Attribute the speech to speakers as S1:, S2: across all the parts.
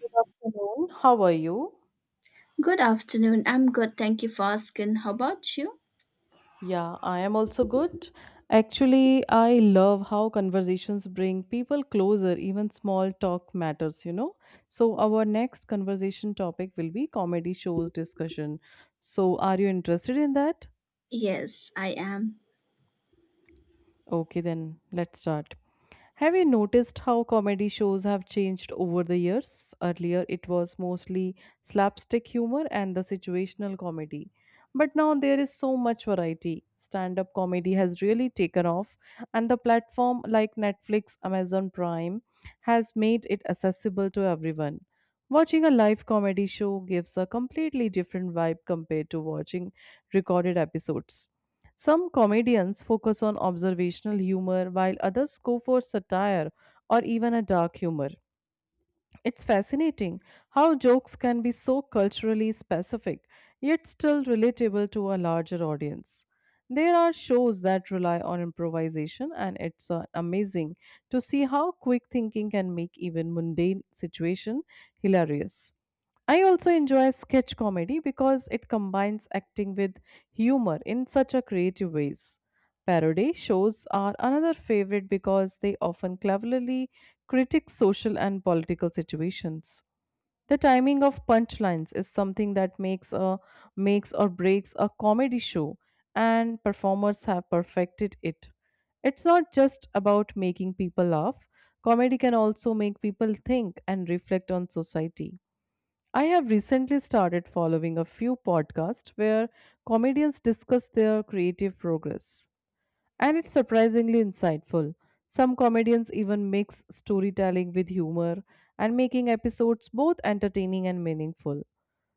S1: Good afternoon. How are you?
S2: Good afternoon. I'm good. Thank you for asking. How about you?
S1: Yeah, I am also good. Actually, I love how conversations bring people closer, even small talk matters, So, our next conversation topic will be comedy shows discussion. So, are you interested in that?
S2: Yes, I am.
S1: Okay, then let's start. Have you noticed how comedy shows have changed over the years? Earlier, it was mostly slapstick humor and the situational comedy. But now there is so much variety. Stand up comedy has really taken off, and the platform like Netflix, Amazon Prime has made it accessible to everyone. Watching a live comedy show gives a completely different vibe compared to watching recorded episodes. Some comedians focus on observational humor, while others go for satire or even a dark humor. It's fascinating how jokes can be so culturally specific, yet still relatable to a larger audience. There are shows that rely on improvisation, and it's amazing to see how quick thinking can make even mundane situation hilarious. I also enjoy sketch comedy because it combines acting with humor in such a creative ways. Parody shows are another favorite because they often cleverly critique social and political situations. The timing of punchlines is something that makes or breaks a comedy show and performers have perfected it. It's not just about making people laugh. Comedy can also make people think and reflect on society. I have recently started following a few podcasts where comedians discuss their creative progress. And it's surprisingly insightful. Some comedians even mix storytelling with humor and making episodes both entertaining and meaningful.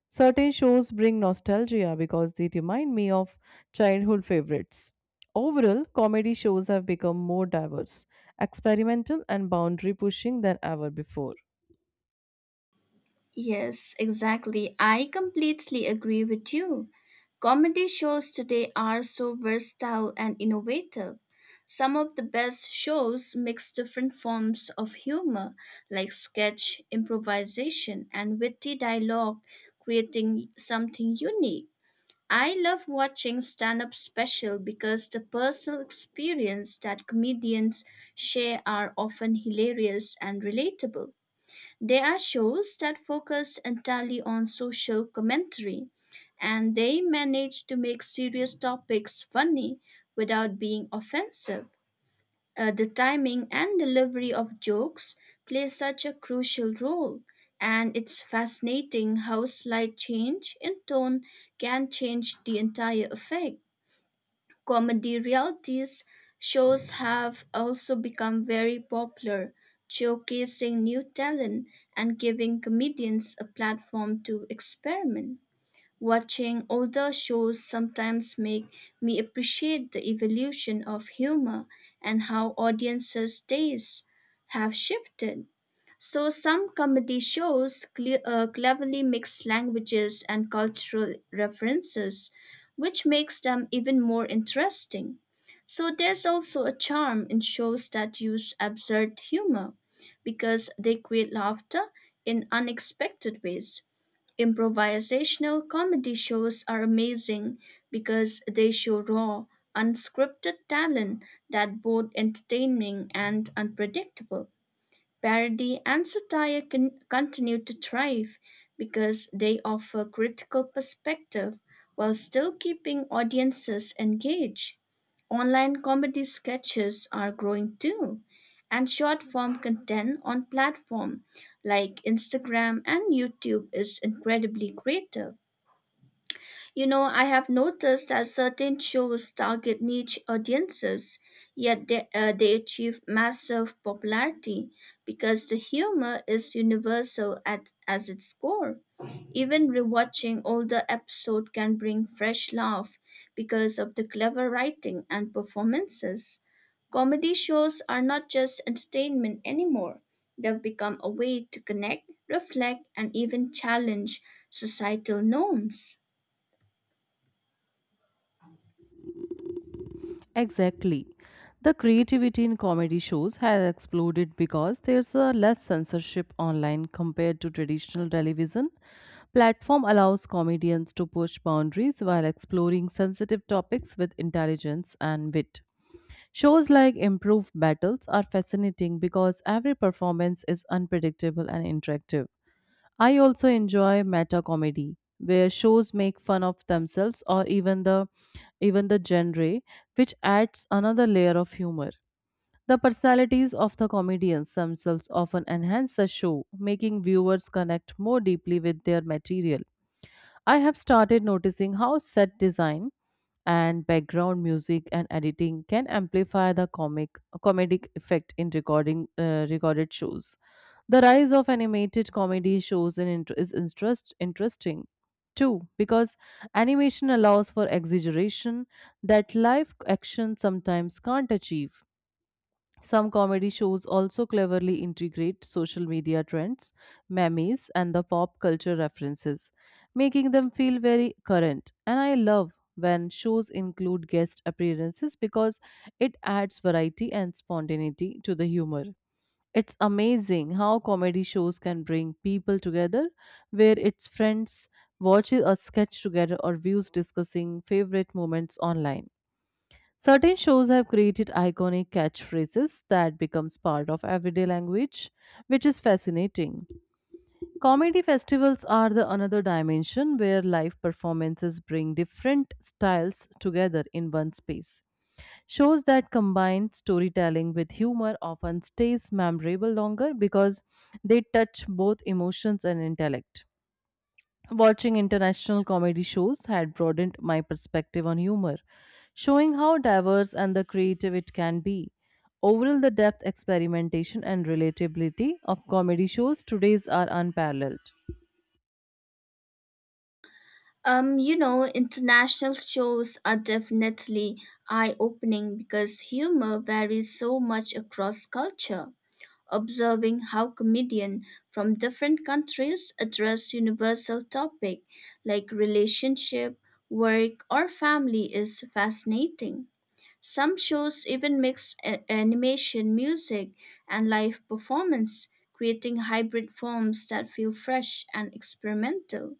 S1: Certain shows bring nostalgia because they remind me of childhood favorites. Overall, comedy shows have become more diverse, experimental, and boundary pushing than ever before.
S2: Yes, exactly. I completely agree with you. Comedy shows today are so versatile and innovative. Some of the best shows mix different forms of humor, like sketch, improvisation, and witty dialogue, creating something unique. I love watching stand up special because the personal experience that comedians share are often hilarious and relatable. There are shows that focus entirely on social commentary and they manage to make serious topics funny without being offensive. The timing and delivery of jokes play such a crucial role, and it's fascinating how slight change in tone can change the entire effect. Comedy realities shows have also become very popular, showcasing new talent and giving comedians a platform to experiment. Watching older shows sometimes make me appreciate the evolution of humor and how audiences' tastes have shifted. So some comedy shows cleverly mix languages and cultural references, which makes them even more interesting. So there's also a charm in shows that use absurd humor because they create laughter in unexpected ways. Improvisational comedy shows are amazing because they show raw, unscripted talent that both entertaining and unpredictable. Parody and satire can continue to thrive because they offer critical perspective while still keeping audiences engaged. Online comedy sketches are growing too, and short form content on platform like Instagram and YouTube is incredibly creative. You know, I have noticed that certain shows target niche audiences, yet they achieve massive popularity because the humor is universal at as its core. Even rewatching older episode can bring fresh laugh because of the clever writing and performances. Comedy shows are not just entertainment anymore. They've become a way to connect, reflect, and even challenge societal norms.
S1: Exactly. The creativity in comedy shows has exploded because there's a less censorship online compared to traditional television. Platform allows comedians to push boundaries while exploring sensitive topics with intelligence and wit. Shows like Improved Battles are fascinating because every performance is unpredictable and interactive. I also enjoy meta comedy where shows make fun of themselves or even the genre, which adds another layer of humor. The personalities of the comedians themselves often enhance the show, making viewers connect more deeply with their material. I have started noticing how set design and background music and editing can amplify the comic comedic effect in recording recorded shows. The rise of animated comedy shows in int- is interest interesting too because animation allows for exaggeration that live action sometimes can't achieve. Some comedy shows also cleverly integrate social media trends, memes, and the pop culture references, making them feel very current. And I love when shows include guest appearances because it adds variety and spontaneity to the humor. It's amazing how comedy shows can bring people together where it's friends watches a sketch together or views discussing favorite moments online. Certain shows have created iconic catchphrases that becomes part of everyday language, which is fascinating. Comedy festivals are the another dimension where live performances bring different styles together in one space. Shows that combine storytelling with humor often stays memorable longer because they touch both emotions and intellect. Watching international comedy shows had broadened my perspective on humor, showing how diverse and the creative it can be. Overall, the depth, experimentation, and relatability of comedy shows today's are unparalleled.
S2: International shows are definitely eye opening because humor varies so much across culture. Observing how comedians from different countries address universal topics like relationship, work, or family is fascinating. Some shows even mix animation, music, and live performance, creating hybrid forms that feel fresh and experimental.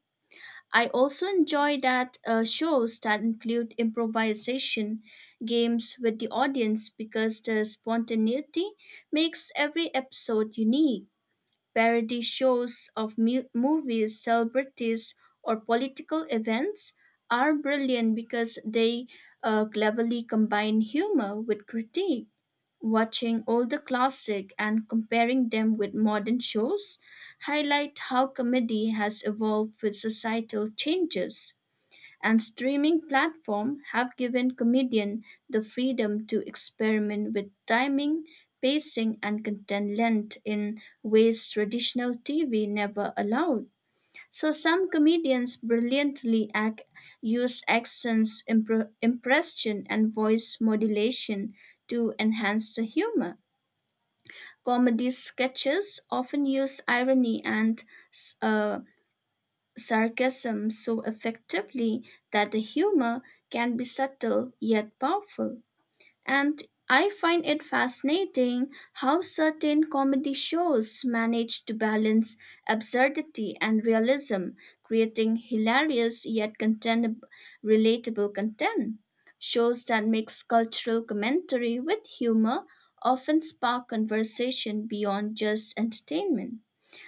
S2: I also enjoy that shows that include improvisation games with the audience because the spontaneity makes every episode unique. Parody shows of movies, celebrities, or political events are brilliant because they cleverly combine humor with critique. Watching older classic and comparing them with modern shows highlight how comedy has evolved with societal changes, and streaming platforms have given comedians the freedom to experiment with timing, pacing, and content length in ways traditional TV never allowed. So some comedians brilliantly act, use accents, impression, and voice modulation to enhance the humor. Comedy sketches often use irony and uh, sarcasm so effectively that the humor can be subtle yet powerful. And I find it fascinating how certain comedy shows manage to balance absurdity and realism, creating hilarious yet relatable content. Shows that mix cultural commentary with humor often spark conversation beyond just entertainment.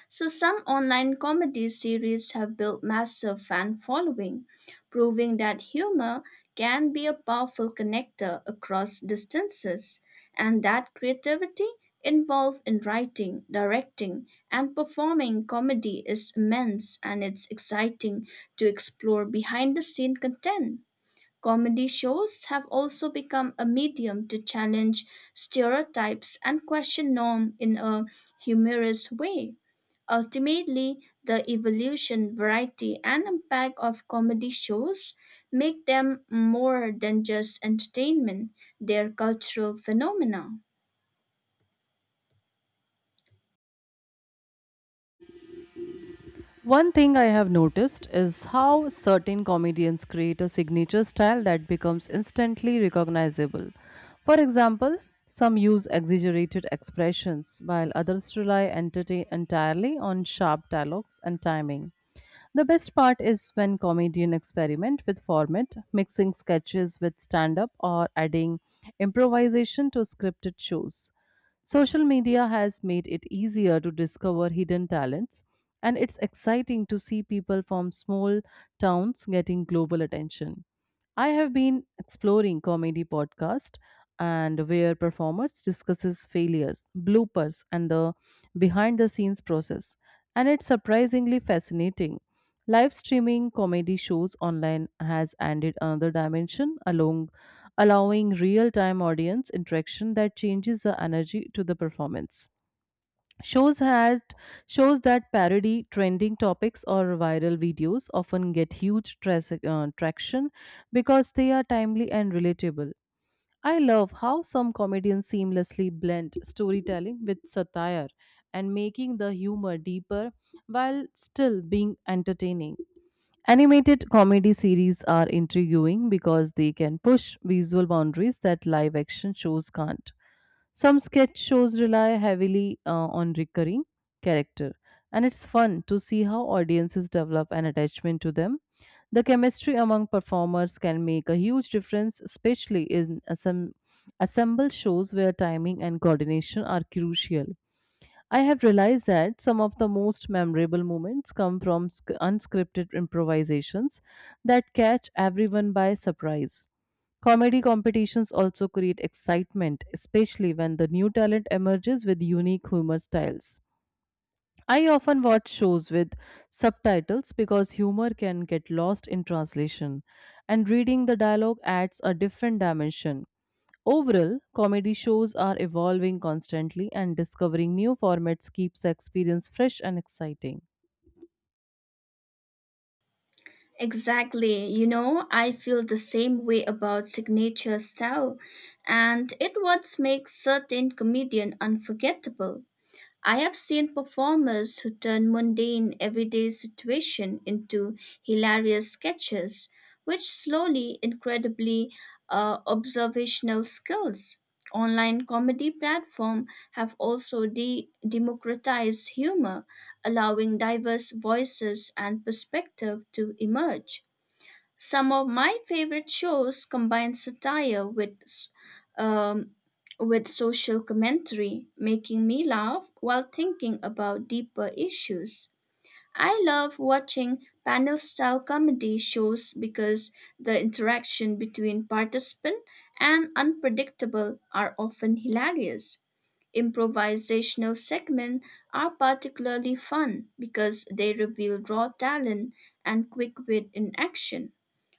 S2: So some online comedy series have built massive fan following, proving that humor can be a powerful connector across distances, and that creativity involved in writing, directing, and performing comedy is immense, and it's exciting to explore behind the scene content. Comedy shows have also become a medium to challenge stereotypes and question norm in a humorous way. Ultimately, the evolution, variety, and impact of comedy shows make them more than just entertainment, they're cultural phenomena.
S1: One thing I have noticed is how certain comedians create a signature style that becomes instantly recognizable. For example, some use exaggerated expressions, while others rely entertain entirely on sharp dialogues and timing. The best part is when comedian experiment with format, mixing sketches with stand up or adding improvisation to scripted shows. Social media has made it easier to discover hidden talents, and it's exciting to see people from small towns getting global attention. I have been exploring comedy podcast and where performers discusses failures, bloopers and the behind the scenes process, and it's surprisingly fascinating. Live streaming comedy shows online has added another dimension, along allowing real-time audience interaction that changes the energy to the performance. Shows had Shows that parody trending topics or viral videos often get huge traction because they are timely and relatable. I love how some comedians seamlessly blend storytelling with satire and making the humor deeper while still being entertaining. Animated comedy series are intriguing because they can push visual boundaries that live action shows can't. Some sketch shows rely heavily on recurring character, and it's fun to see how audiences develop an attachment to them. The chemistry among performers can make a huge difference, especially in some assemble shows where timing and coordination are crucial. I have realized that some of the most memorable moments come from unscripted improvisations that catch everyone by surprise. Comedy competitions also create excitement, especially when the new talent emerges with unique humor styles. I often watch shows with subtitles because humor can get lost in translation, and reading the dialogue adds a different dimension. Overall, comedy shows are evolving constantly, and discovering new formats keeps the experience fresh and exciting.
S2: Exactly. You know, I feel the same way about signature style, and it what makes certain comedian unforgettable. I have seen performers who turn mundane everyday situation into hilarious sketches, which slowly incredibly observational skills. Online comedy platforms have also democratized humor, allowing diverse voices and perspective to emerge. Some of my favorite shows combine satire with um, with social commentary, making me laugh while thinking about deeper issues. I love watching panel style comedy shows because the interaction between participant and unpredictable are often hilarious. Improvisational segments are particularly fun because they reveal raw talent and quick wit in action.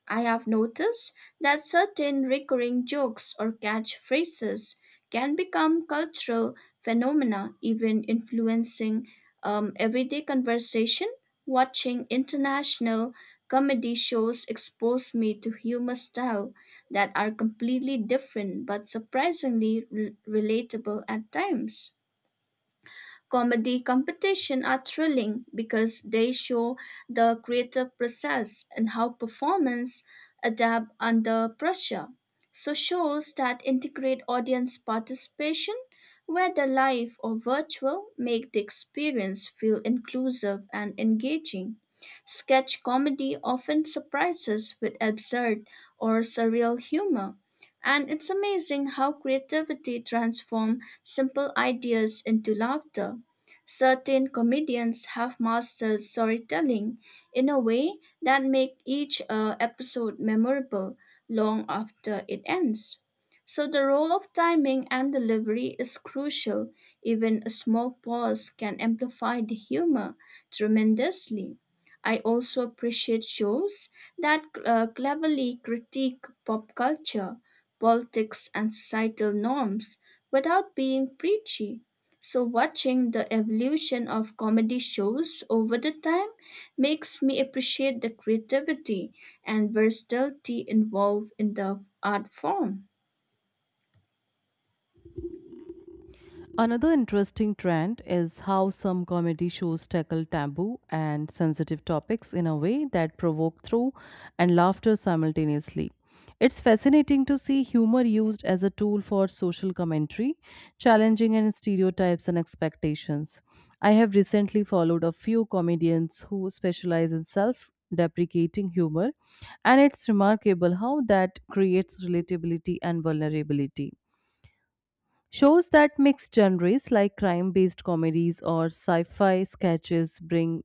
S2: I have noticed that certain recurring jokes or catchphrases can become cultural phenomena, even influencing everyday conversation. Watching international comedy shows expose me to humor style that are completely different but surprisingly relatable at times. Comedy competition are thrilling because they show the creative process and how performance adapt under pressure. So shows that integrate audience participation, whether live or virtual, make the experience feel inclusive and engaging. Sketch comedy often surprises with absurd or surreal humor. And it's amazing how creativity transforms simple ideas into laughter. Certain comedians have mastered storytelling in a way that make each episode memorable long after it ends. So the role of timing and delivery is crucial. Even a small pause can amplify the humor tremendously. I also appreciate shows that cleverly critique pop culture, politics, and societal norms without being preachy. So, watching the evolution of comedy shows over the time makes me appreciate the creativity and versatility involved in the art form.
S1: Another interesting trend is how some comedy shows tackle taboo and sensitive topics in a way that provoke through and laughter simultaneously. It's fascinating to see humor used as a tool for social commentary, challenging and stereotypes and expectations. I have recently followed a few comedians who specialize in self deprecating humor, and it's remarkable how that creates relatability and vulnerability. Shows that mix genres like crime-based comedies or sci-fi sketches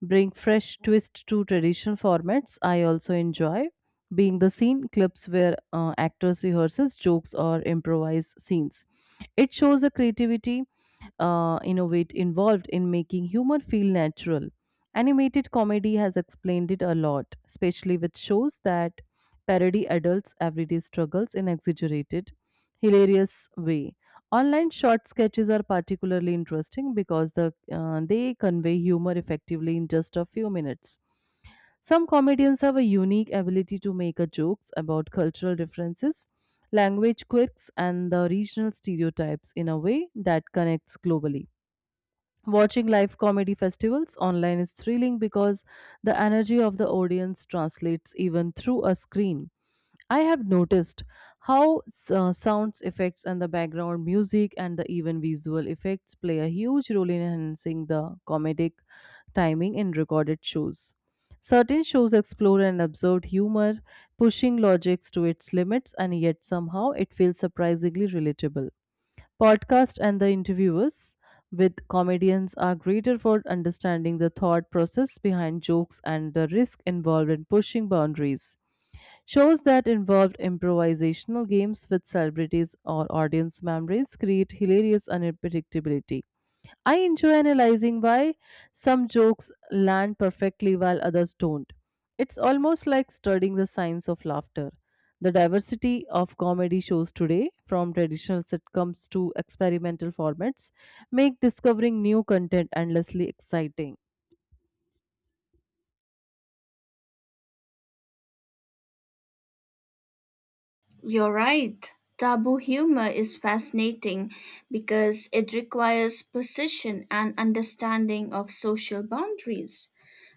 S1: bring fresh twist to traditional formats. I also enjoy being the scene clips where actors rehearses jokes or improvise scenes. It shows the creativity innovate involved in making humor feel natural. Animated comedy has explained it a lot, especially with shows that parody adults' everyday struggles in exaggerated, hilarious way. Online short sketches are particularly interesting because they convey humor effectively in just a few minutes. Some comedians have a unique ability to make a jokes about cultural differences, language quirks, and the regional stereotypes in a way that connects globally. Watching live comedy festivals online is thrilling because the energy of the audience translates even through a screen. I have noticed how sounds effects and the background music and the even visual effects play a huge role in enhancing the comedic timing in recorded shows. Certain shows explore an absurd humor, pushing logics to its limits, and yet somehow it feels surprisingly relatable. Podcast and the interviewers with comedians are greater for understanding the thought process behind jokes and the risk involved in pushing boundaries. Shows that involved improvisational games with celebrities or audience members create hilarious unpredictability. I enjoy analyzing why some jokes land perfectly while others don't. It's almost like studying the science of laughter. The diversity of comedy shows today, from traditional sitcoms to experimental formats, make discovering new content endlessly exciting.
S2: You're right. Taboo humor is fascinating because it requires precision and understanding of social boundaries.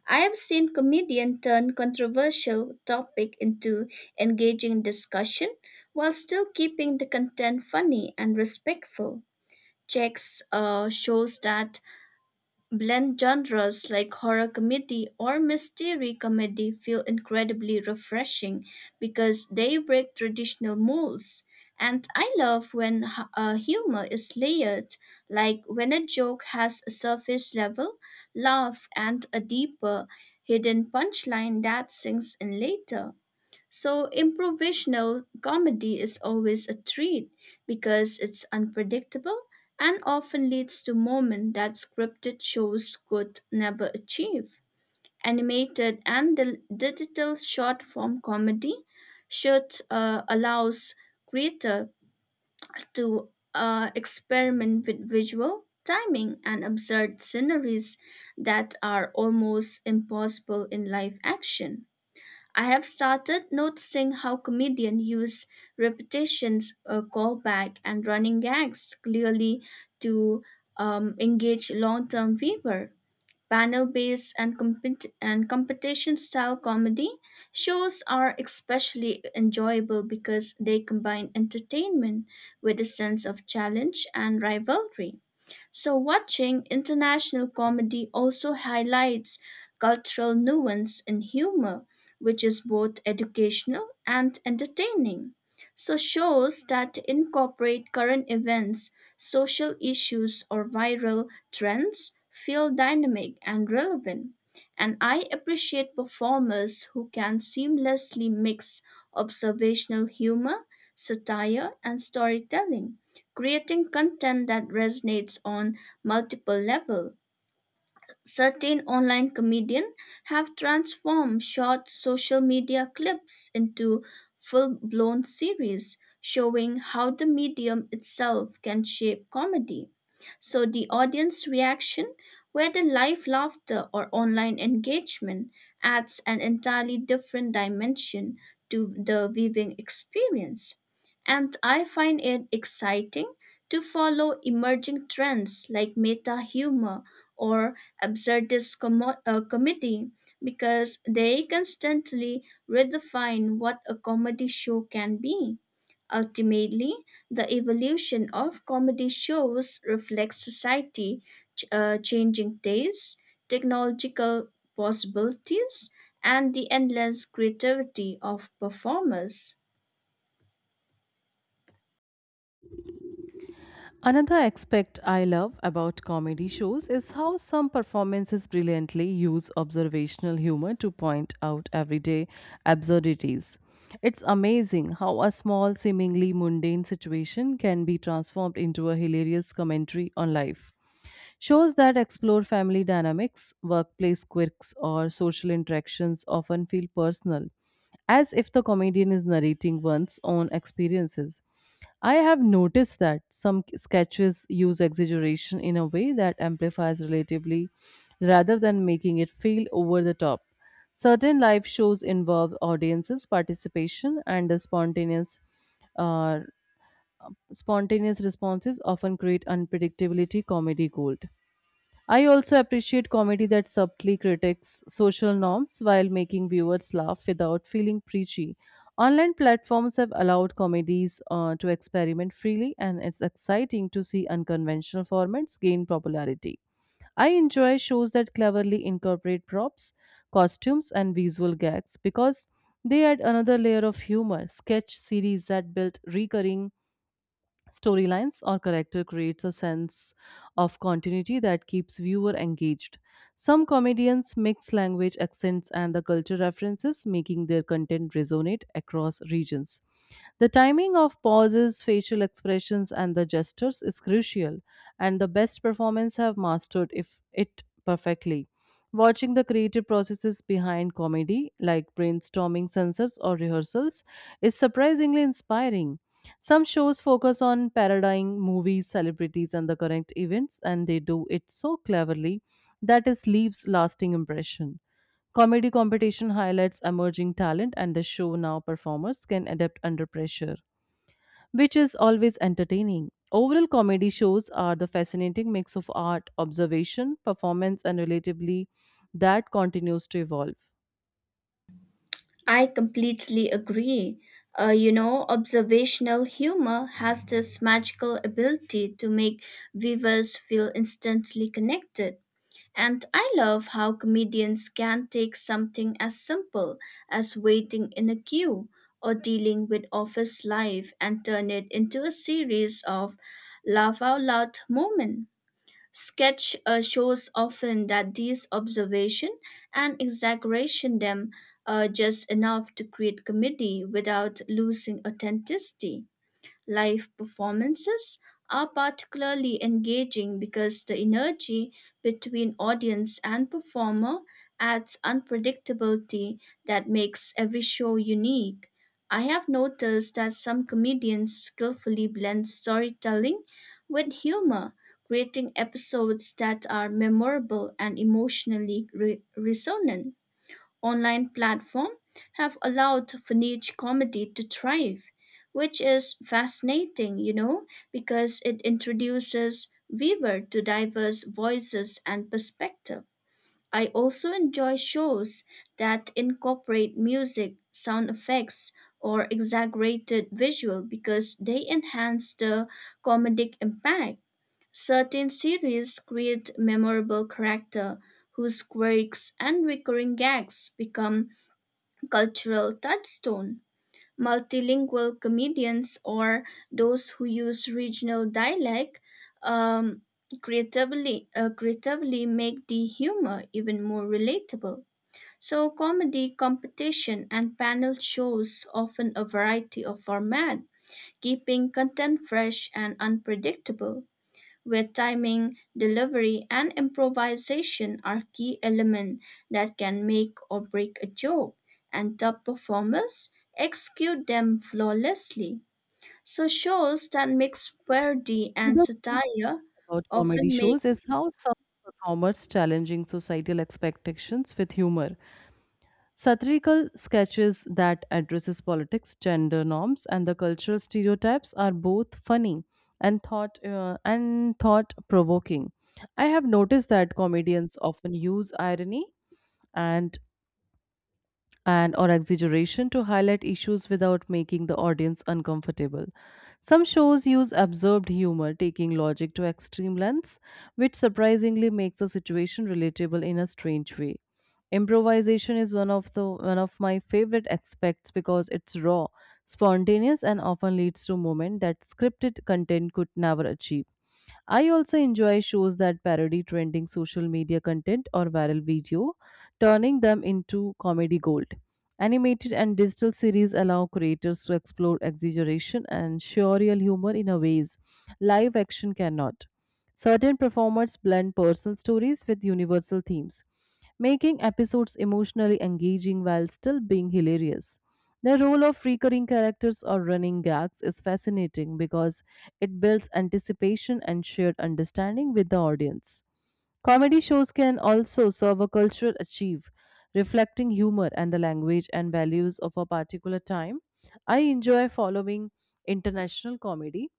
S2: I have seen comedians turn controversial topic into engaging discussion while still keeping the content funny and respectful. Checks Shows that blend genres like horror comedy or mystery comedy feel incredibly refreshing because they break traditional molds. And I love when humor is layered, like when a joke has a surface level laugh and a deeper, hidden punchline that sinks in later. So, improvisational comedy is always a treat because it's unpredictable and often leads to moments that scripted shows could never achieve. Animated and the digital short form comedy should allows creator to experiment with visual timing and absurd sceneries that are almost impossible in live action. I have started noticing how comedians use repetitions, a callback, and running gags clearly to engage long-term viewer. Panel-based and competition-style comedy shows are especially enjoyable because they combine entertainment with a sense of challenge and rivalry. So, watching international comedy also highlights cultural nuance in humor, which is both educational and entertaining. So, shows that incorporate current events, social issues, or viral trends feel dynamic and relevant. And I appreciate performers who can seamlessly mix observational humor, satire, and storytelling, creating content that resonates on multiple levels. Certain online comedians have transformed short social media clips into full blown series, showing how the medium itself can shape comedy. So, the audience reaction, whether live laughter or online engagement, adds an entirely different dimension to the viewing experience. And I find it exciting to follow emerging trends like meta humor or absurdist committee because they constantly redefine what a comedy show can be. Ultimately, the evolution of comedy shows reflects society changing tastes, technological possibilities, and the endless creativity of performers.
S1: Another aspect I love about comedy shows is how some performances brilliantly use observational humor to point out everyday absurdities. It's amazing how a small, seemingly mundane situation can be transformed into a hilarious commentary on life. Shows that explore family dynamics, workplace quirks, or social interactions often feel personal, as if the comedian is narrating one's own experiences. I have noticed that some sketches use exaggeration in a way that amplifies relatively rather than making it feel over the top. Certain live shows involve audiences' participation and the uh, spontaneous responses often create unpredictability comedy gold. I also appreciate comedy that subtly critiques social norms while making viewers laugh without feeling preachy. Online platforms have allowed comedies to experiment freely, and it's exciting to see unconventional formats gain popularity. I enjoy shows that cleverly incorporate props, costumes, and visual gags because they add another layer of humor. Sketch series that build recurring storylines or character creates a sense of continuity that keeps viewer engaged. Some comedians mix language accents and the culture references, making their content resonate across regions. The timing of pauses, facial expressions and the gestures is crucial, and the best performance have mastered if it perfectly. Watching the creative processes behind comedy like brainstorming censors or rehearsals is surprisingly inspiring. Some shows focus on parodying movies, celebrities, and the current events, and they do it so cleverly that it leaves lasting impression. Comedy competition highlights emerging talent, and the show now performers can adapt under pressure, which is always entertaining. Overall, comedy shows are the fascinating mix of art, observation, performance, and relatively that continues to evolve.
S2: I completely agree. You know, observational humor has this magical ability to make viewers feel instantly connected. And I love how comedians can take something as simple as waiting in a queue or dealing with office life and turn it into a series of laugh out loud moments. Sketch shows often that these observation and exaggeration them just enough to create comedy without losing authenticity. Live performances are particularly engaging because the energy between audience and performer adds unpredictability that makes every show unique. I have noticed that some comedians skillfully blend storytelling with humor, creating episodes that are memorable and emotionally resonant. Online platform have allowed for niche comedy to thrive, which is fascinating, you know, because it introduces viewer to diverse voices and perspective. I also enjoy shows that incorporate music, sound effects, or exaggerated visual because they enhance the comedic impact. Certain series create memorable character whose quirks and recurring gags become cultural touchstone. Multilingual comedians or those who use regional dialect um, creatively make the humor even more relatable. So, comedy competition and panel shows often a variety of format, keeping content fresh and unpredictable, where timing, delivery, and improvisation are key elements that can make or break a joke, and top performers execute them flawlessly. So shows that mix parody and
S1: Another thing
S2: satire
S1: about comedy
S2: often make.
S1: shows is how some performers challenging societal expectations with humor. Satirical sketches that addresses politics, gender norms, and the cultural stereotypes are both funny and thought provoking. I have noticed that comedians often use irony and and or exaggeration to highlight issues without making the audience uncomfortable. Some shows use absurd humor, taking logic to extreme lengths, which surprisingly makes a situation relatable in a strange way. Improvisation is one of my favorite aspects because it's raw, spontaneous and often leads to moments that scripted content could never achieve. I also enjoy shows that parody trending social media content or viral video, turning them into comedy gold. Animated and digital series allow creators to explore exaggeration and surreal humor in a ways live action cannot. Certain performers blend personal stories with universal themes, making episodes emotionally engaging while still being hilarious. The role of recurring characters or running gags is fascinating because it builds anticipation and shared understanding with the audience. Comedy shows can also serve a cultural achieve, reflecting humor and the language and values of a particular time. I enjoy following international comedy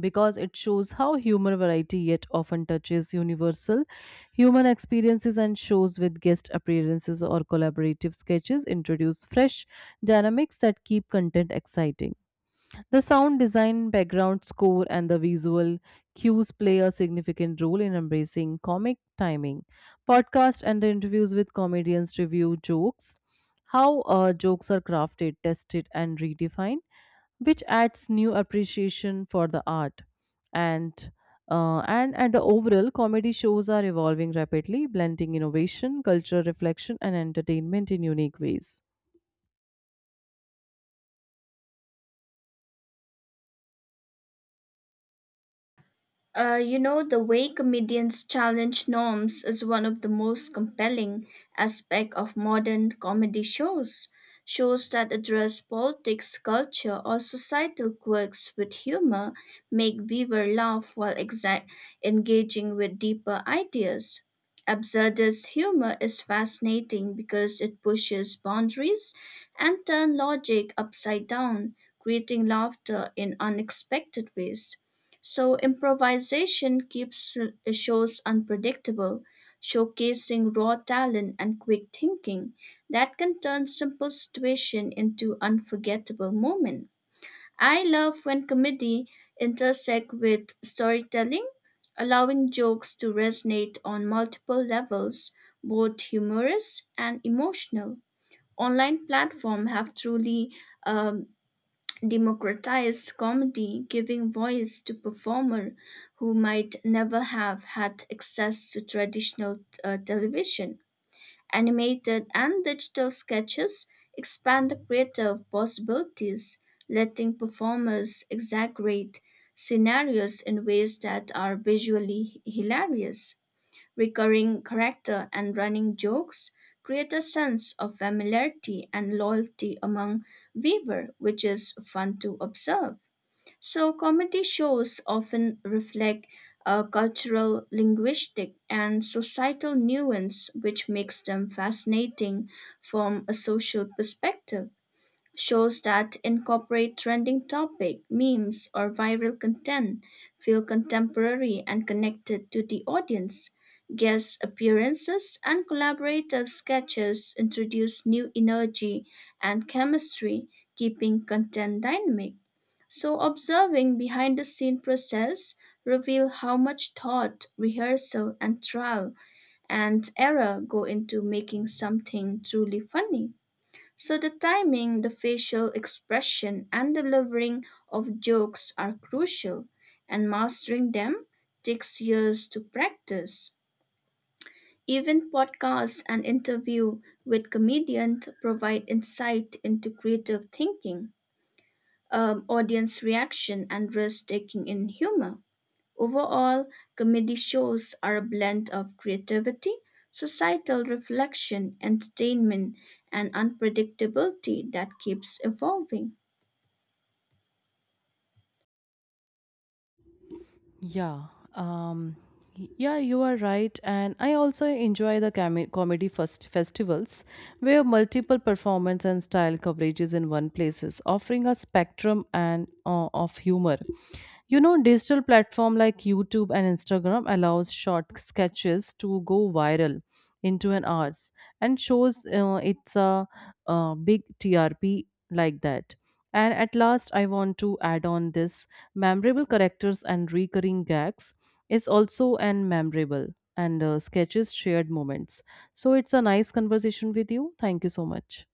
S1: because it shows how humor variety yet often touches universal human experiences, and shows with guest appearances or collaborative sketches introduce fresh dynamics that keep content exciting. The sound design, background score, and the visual cues play a significant role in embracing comic timing. Podcasts and the interviews with comedians review jokes. How jokes are crafted, tested, and redefined, which adds new appreciation for the art. And uh, and and the overall comedy shows are evolving rapidly, blending innovation, cultural reflection and entertainment in unique ways.
S2: You know, the way comedians challenge norms is one of the most compelling aspects of modern comedy shows. Shows that address politics, culture, or societal quirks with humor make viewer laugh while engaging with deeper ideas. Absurdist humor is fascinating because it pushes boundaries and turns logic upside down, creating laughter in unexpected ways. So improvisation keeps shows unpredictable, showcasing raw talent and quick thinking that can turn simple situation into unforgettable moment. I love when comedy intersect with storytelling, allowing jokes to resonate on multiple levels, both humorous and emotional. Online platforms have truly um, democratized comedy, giving voice to performers who might never have had access to traditional television. Animated and digital sketches expand the creative possibilities, letting performers exaggerate scenarios in ways that are visually hilarious. Recurring character and running jokes create a sense of familiarity and loyalty among viewer, which is fun to observe. So comedy shows often reflect a cultural linguistic and societal nuance, which makes them fascinating from a social perspective. Shows that incorporate trending topic, memes, or viral content feel contemporary and connected to the audience. Guest appearances and collaborative sketches introduce new energy and chemistry, keeping content dynamic. So observing behind the scene process reveal how much thought, rehearsal and trial and error go into making something truly funny. So the timing, the facial expression, and delivering of jokes are crucial, and mastering them takes years to practice. Even podcasts and interview with comedians provide insight into creative thinking, audience reaction, and risk taking in humor. Overall, comedy shows are a blend of creativity, societal reflection, entertainment, and unpredictability that keeps evolving.
S1: Yeah um Yeah, you are right. And I also enjoy the comedy festivals where multiple performance and style coverages in one places, offering a spectrum and of humor. You know, digital platform like YouTube and Instagram allows short sketches to go viral into an hours, and shows big TRP like that. And at last, I want to add on this memorable characters and recurring gags is also an memorable and sketches shared moments. So it's a nice conversation with you. Thank you so much.